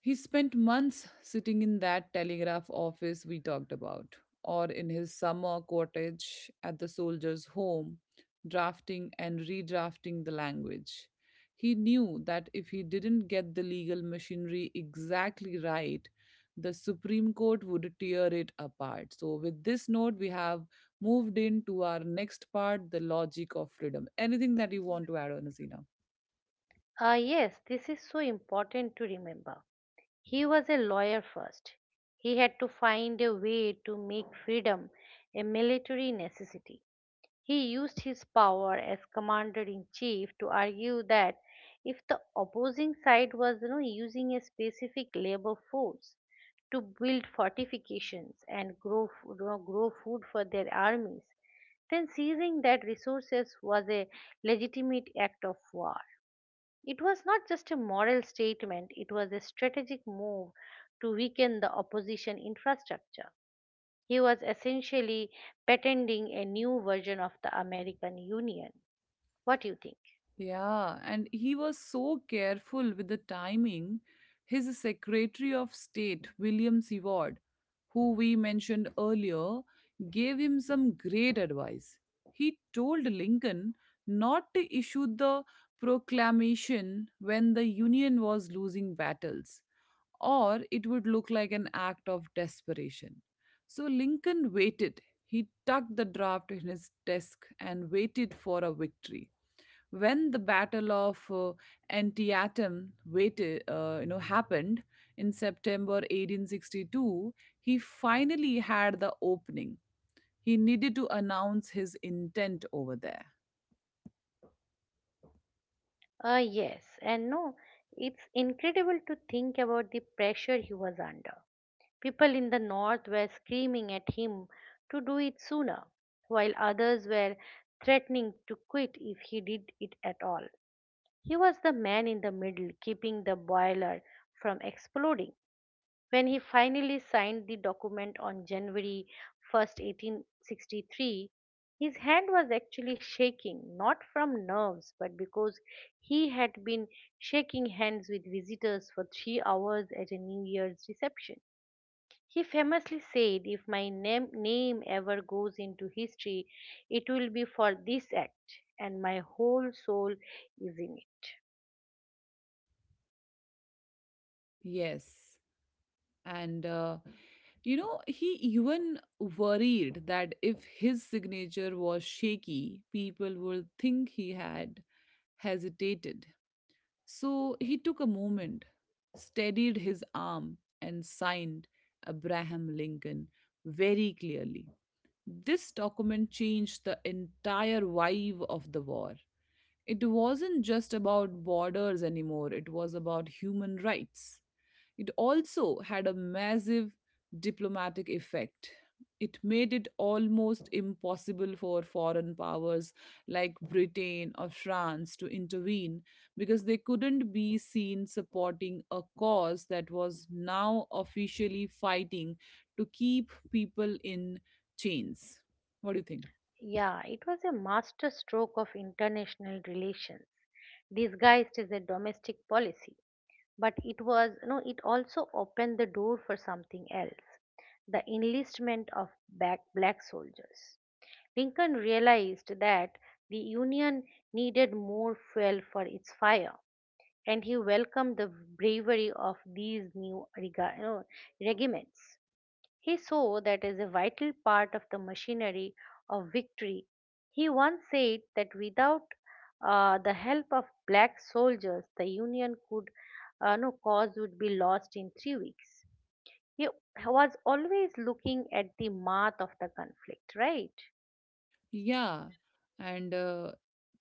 Speaker 1: He spent months sitting in that telegraph office we talked about, or in his summer cottage at the soldier's home, drafting and redrafting the language. He knew that if he didn't get the legal machinery exactly right, the Supreme Court would tear it apart. So, with this note, we have moved into our next part, the logic of freedom. Anything that you want to add on, Hasina?
Speaker 2: Ah, yes, this is so important to remember. He was a lawyer first. He had to find a way to make freedom a military necessity. He used his power as commander in chief to argue that if the opposing side was using a specific labor force to build fortifications and grow, f- grow grow food for their armies, then seizing that resources was a legitimate act of war. It was not just a moral statement, it was a strategic move to weaken the opposition infrastructure. He was essentially patenting a new version of the American Union. What do you think?
Speaker 1: Yeah, and he was so careful with the timing. His Secretary of State, William Seward, who we mentioned earlier, gave him some great advice. He told Lincoln not to issue the proclamation when the Union was losing battles, or it would look like an act of desperation. So Lincoln waited. He tucked the draft in his desk and waited for a victory. When the Battle of Antietam waited, happened in September 1862, he finally had the opening. He needed to announce his intent over there.
Speaker 2: Yes and no. It's incredible to think about the pressure he was under. People in the North were screaming at him to do it sooner, while others were threatening to quit if he did it at all. He was the man in the middle, keeping the boiler from exploding. When he finally signed the document on January 1st, 1863, his hand was actually shaking, not from nerves, but because he had been shaking hands with visitors for 3 hours at a New Year's reception. He famously said, "If my name ever goes into history, it will be for this act, and my whole soul is in it."
Speaker 1: Yes. And he even worried that if his signature was shaky, people would think he had hesitated. So he took a moment, steadied his arm, and signed Abraham Lincoln very clearly. This document changed the entire vibe of the war. It wasn't just about borders anymore, it was about human rights. It also had a massive diplomatic effect. It made it almost impossible for foreign powers like Britain or France to intervene, because they couldn't be seen supporting a cause that was now officially fighting to keep people in chains. What do you think?
Speaker 2: Yeah, it was a master stroke of international relations, disguised as a domestic policy. But it was, no, it also opened the door for something else, the enlistment of back black soldiers. Lincoln realized that the Union needed more fuel for its fire, and he welcomed the bravery of these new rega- you know, regiments. He saw that as a vital part of the machinery of victory. He once said that without the help of black soldiers, the Union could no cause would be lost in 3 weeks. He was always looking at the math of the conflict, right?
Speaker 1: Yeah. And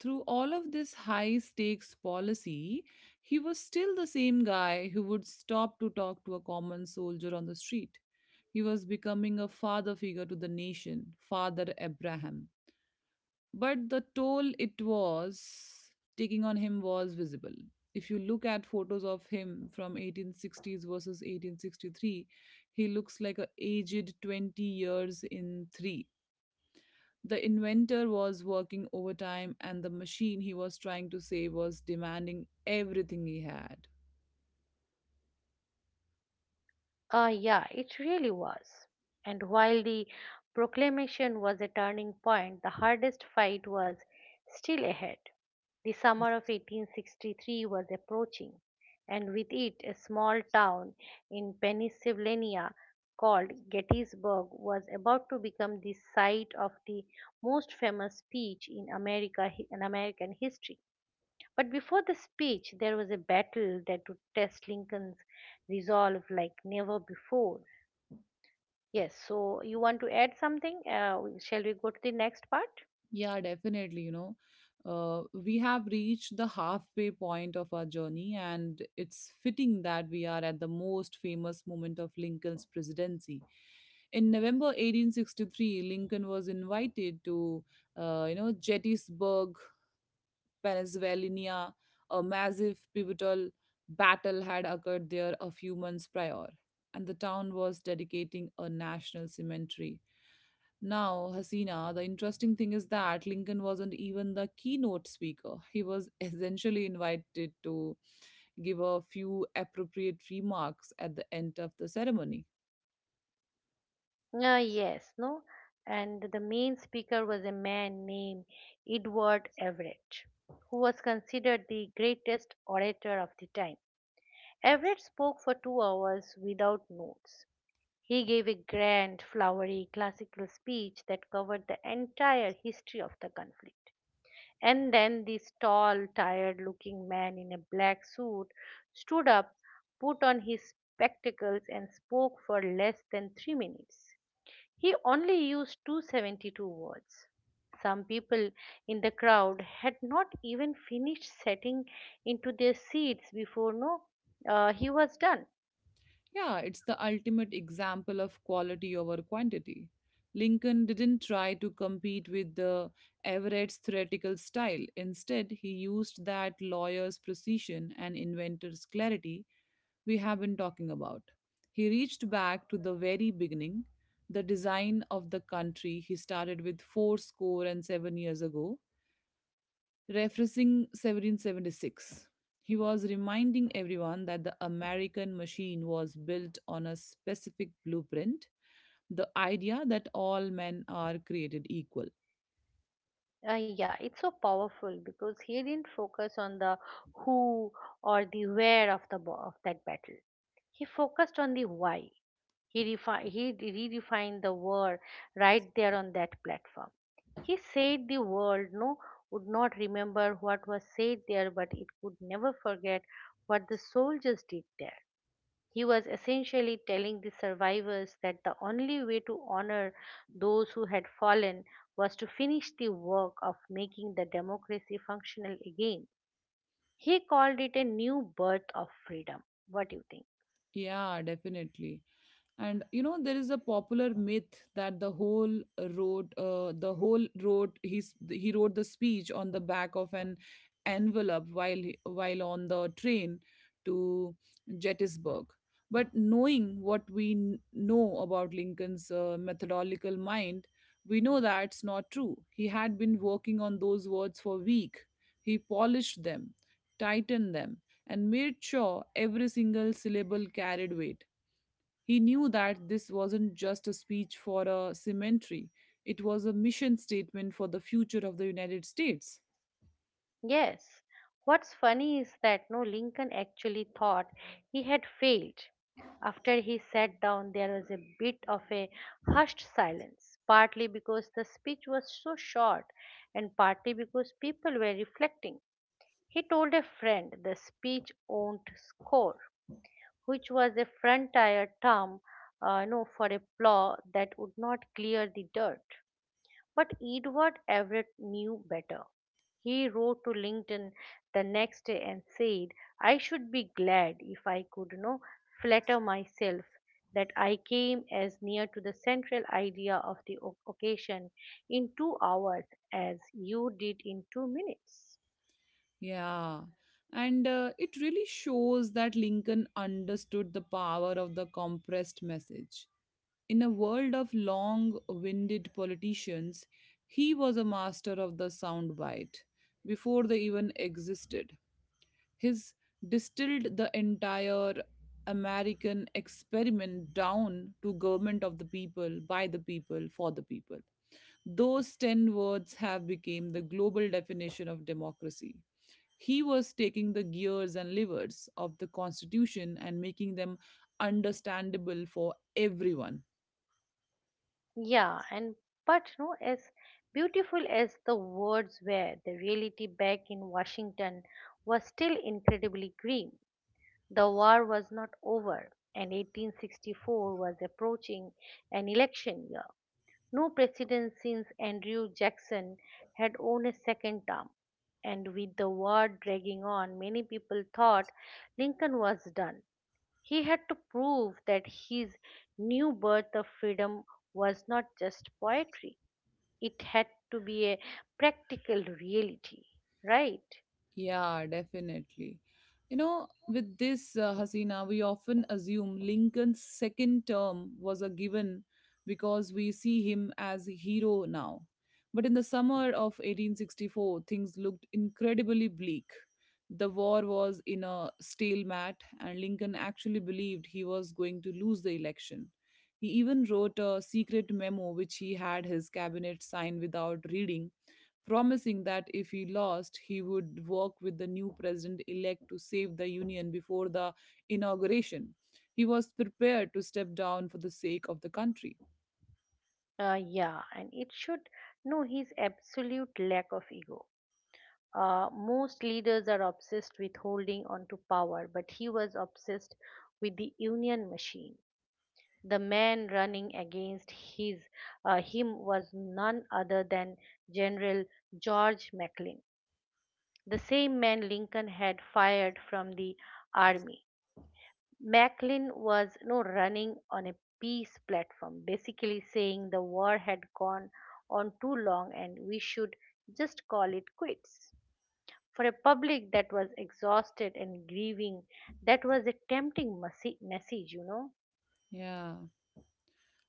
Speaker 1: through all of this high stakes policy, he was still the same guy who would stop to talk to a common soldier on the street. He was becoming a father figure to the nation, Father Abraham. But the toll it was taking on him was visible. If you look at photos of him from 1860s versus 1863, he looks like a aged 20 years in 3. The inventor was working overtime, and the machine he was trying to save was demanding everything he had.
Speaker 2: Ah, yeah, it really was. And while the proclamation was a turning point, the hardest fight was still ahead. The summer of 1863 was approaching, and with it, a small town in Pennsylvania called Gettysburg was about to become the site of the most famous speech in America in American history. But before the speech, there was a battle that would test Lincoln's resolve like never before. Yes, so you want to add something? Shall we go to the next part?
Speaker 1: Yeah, definitely. We have reached the halfway point of our journey, and it's fitting that we are at the most famous moment of Lincoln's presidency. In November 1863, Lincoln was invited to, Gettysburg, Pennsylvania. A massive pivotal battle had occurred there a few months prior, and the town was dedicating a national cemetery. Now, Hasina, the interesting thing is that Lincoln wasn't even the keynote speaker. He was essentially invited to give a few appropriate remarks at the end of the ceremony.
Speaker 2: Yes, no. And the main speaker was a man named Edward Everett, who was considered the greatest orator of the time. Everett spoke for 2 hours without notes. He gave a grand, flowery, classical speech that covered the entire history of the conflict. And then this tall, tired looking man in a black suit stood up, put on his spectacles, and spoke for less than 3 minutes. He only used 272 words. Some people in the crowd had not even finished setting into their seats before no, he was done.
Speaker 1: Yeah, it's the ultimate example of quality over quantity. Lincoln didn't try to compete with the Everett's theoretical style. Instead, he used that lawyer's precision and inventor's clarity we have been talking about. He reached back to the very beginning, the design of the country he started with four score and 7 years ago, referencing 1776. He was reminding everyone that the American machine was built on a specific blueprint, the idea that all men are created equal.
Speaker 2: Yeah, it's so powerful because he didn't focus on the who or the where of of that battle. He focused on the why. He redefined the word right there on that platform. He said the world would not remember what was said there, but it could never forget what the soldiers did there. He was essentially telling the survivors that the only way to honor those who had fallen was to finish the work of making the democracy functional again. He called it a new birth of freedom. What do you think?
Speaker 1: Yeah, definitely. And you know, there is a popular myth that the whole wrote he's he wrote the speech on the back of an envelope while on the train to Gettysburg. But knowing what know about Lincoln's methodological mind, we know that's not true. He had been working on those words for week. He polished them, tightened them, and made sure every single syllable carried weight. He knew that this wasn't just a speech for a cemetery, it was a mission statement for the future of the United States.
Speaker 2: Yes. What's funny is that no Lincoln actually thought he had failed. After he sat down, there was a bit of a hushed silence, partly because the speech was so short and partly because people were reflecting. He told a friend the speech won't score, which was a frontier term no, for a plow that would not clear the dirt. But Edward Everett knew better. He wrote to Lincoln the next day and said, "I should be glad if I could flatter myself that I came as near to the central idea of the occasion in 2 hours as you did in 2 minutes."
Speaker 1: Yeah. And It really shows that Lincoln understood the power of the compressed message. In a world of long winded politicians, he was a master of the soundbite before they even existed. He's distilled the entire American experiment down to government of the people, by the people, for the people. Those 10 words have become the global definition of democracy. He was taking the gears and levers of the Constitution and making them understandable for everyone.
Speaker 2: Yeah, and but no, as beautiful as the words were, the reality back in Washington was still incredibly grim. The war was not over, and 1864 was approaching an election year. No president since Andrew Jackson had won a second term, and with the war dragging on, many people thought Lincoln was done. He had to prove that his new birth of freedom was not just poetry, it had to be a practical reality, right?
Speaker 1: Yeah, definitely. Hasina, we often assume Lincoln's second term was a given because we see him as a hero now. But in the summer of 1864, things looked incredibly bleak. The war was in a stalemate, and Lincoln actually believed he was going to lose the election. He even wrote a secret memo which he had his cabinet sign without reading, promising that if he lost, he would work with the new president elect to save the union before the inauguration. He was prepared to step down for the sake of the country.
Speaker 2: Yeah, and it should know his absolute lack of ego. Most leaders are obsessed with holding on to power, but he was obsessed with the union machine. The man running against his him was none other than General George McClellan, the same man Lincoln had fired from the army. Macklin was no running on a peace platform, basically saying the war had gone on too long and we should just call it quits. For a public that was exhausted and grieving, that was a tempting message.
Speaker 1: Yeah.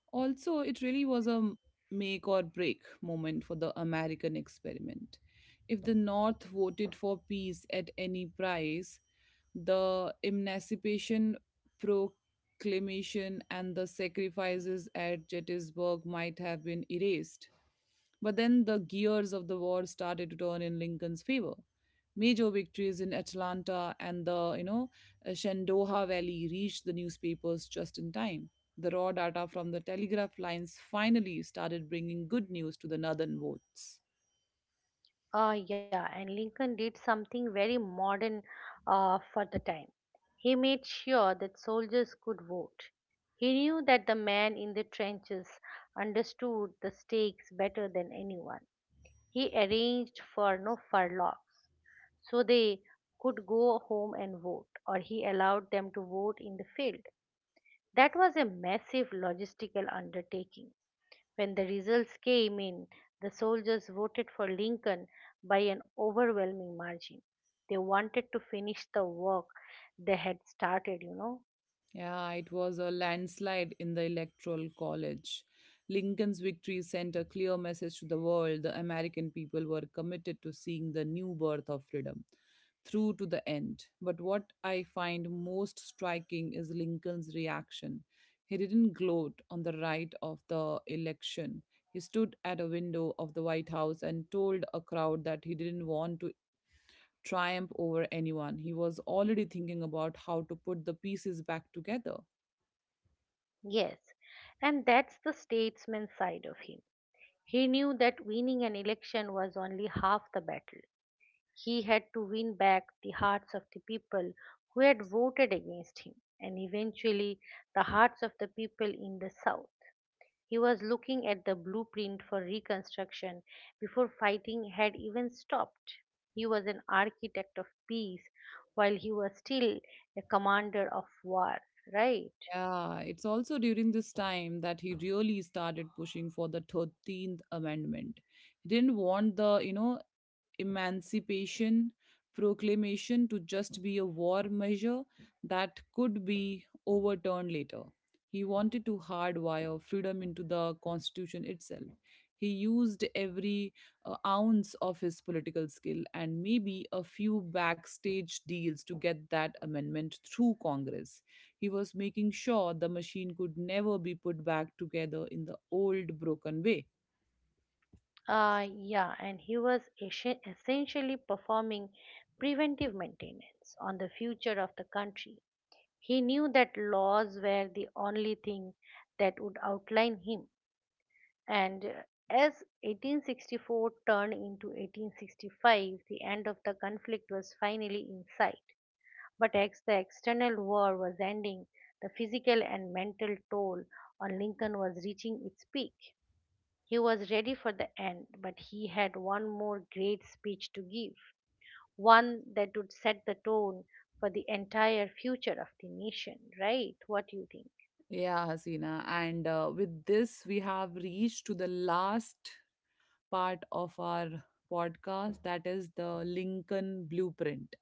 Speaker 1: Also, it really was a make or break moment for the American experiment. If the North voted for peace at any price, the emancipation proclamation and the sacrifices at Gettysburg might have been erased. But then the gears of the war started to turn in Lincoln's favor. Major victories in Atlanta and the, Shenandoah Valley reached the newspapers just in time. The raw data from the telegraph lines finally started bringing good news to the northern votes.
Speaker 2: Yeah, and Lincoln did something very modern for the time. He made sure that soldiers could vote. He knew that the man in the trenches understood the stakes better than anyone. He arranged for no furloughs so they could go home and vote, or he allowed them to vote in the field. That was a massive logistical undertaking. When the results came in, the soldiers voted for Lincoln by an overwhelming margin. They wanted to finish the work they had started, you know.
Speaker 1: Yeah, it was a landslide in the Electoral College. Lincoln's victory sent a clear message to the world: the American people were committed to seeing the new birth of freedom through to the end. But what I find most striking is Lincoln's reaction. He didn't gloat on the right of the election. He stood at a window of the White House and told a crowd that he didn't want to triumph over anyone. He was already thinking about how to put the pieces back together.
Speaker 2: Yes, and that's the statesman side of him. He knew that winning an election was only half the battle. He had to win back the hearts of the people who had voted against him and eventually the hearts of the people in the South. He was looking at the blueprint for Reconstruction before fighting had even stopped. He was an architect of peace while he was still a commander of war, right?
Speaker 1: Yeah, it's also during this time that he really started pushing for the 13th Amendment. He didn't want the, emancipation proclamation to just be a war measure that could be overturned later. He wanted to hardwire freedom into the constitution itself. He used every ounce of his political skill and maybe a few backstage deals to get that amendment through Congress. He was making sure the machine could never be put back together in the old broken way.
Speaker 2: Yeah, and he was essentially performing preventive maintenance on the future of the country. He knew that laws were the only thing that would outline him, and as 1864 turned into 1865, the end of the conflict was finally in sight. But as the external war was ending, the physical and mental toll on Lincoln was reaching its peak. He was ready for the end, but he had one more great speech to give, one that would set the tone for the entire future of the nation, right? What do you think?
Speaker 1: Yeah, Hasina. And With this, we have reached to the last part of our podcast, that is the Lincoln Blueprint.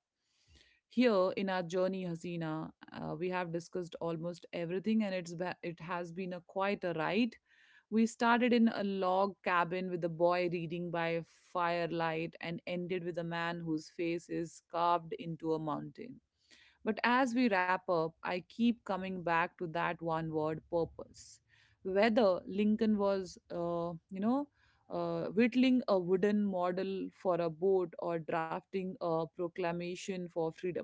Speaker 1: Here in our journey, Hasina, we have discussed almost everything, and it has been a quite a ride. We started in a log cabin with a boy reading by firelight, and ended with a man whose face is carved into a mountain. But as we wrap up, I keep coming back to that one word, purpose. Whether Lincoln was, whittling a wooden model for a boat or drafting a proclamation for freedom,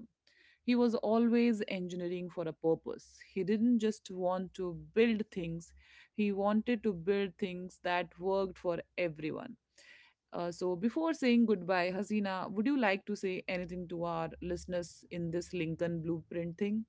Speaker 1: he was always engineering for a purpose. He didn't just want to build things, he wanted to build things that worked for everyone. So, before saying goodbye, Hasina, would you like to say anything to our listeners in this Lincoln blueprint thing?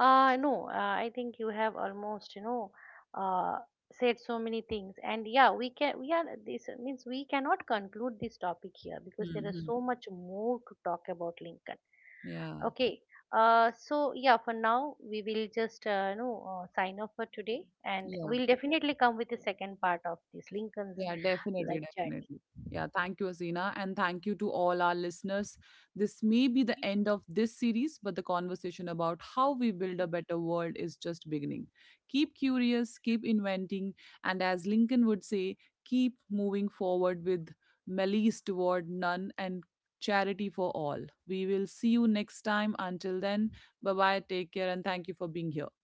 Speaker 2: No, I think you have almost, uh, said so many things. And yeah, we are, this means we cannot conclude this topic here because there is
Speaker 1: Hmm.
Speaker 2: so much more to talk about Lincoln.
Speaker 1: Yeah.
Speaker 2: Okay. So yeah, for now we will just, sign off for today and
Speaker 1: Yeah.
Speaker 2: we'll definitely come with the second part of this Lincoln's
Speaker 1: Yeah, definitely,
Speaker 2: life journey.
Speaker 1: definitely. Yeah, thank you, Azina, and thank you to all our listeners. This may be the end of this series, but the conversation about how we build a better world is just beginning. Keep curious, keep inventing, and as Lincoln would say, keep moving forward with malice toward none and charity for all. We will see you next time. Until then, bye bye, take care, and thank you for being here.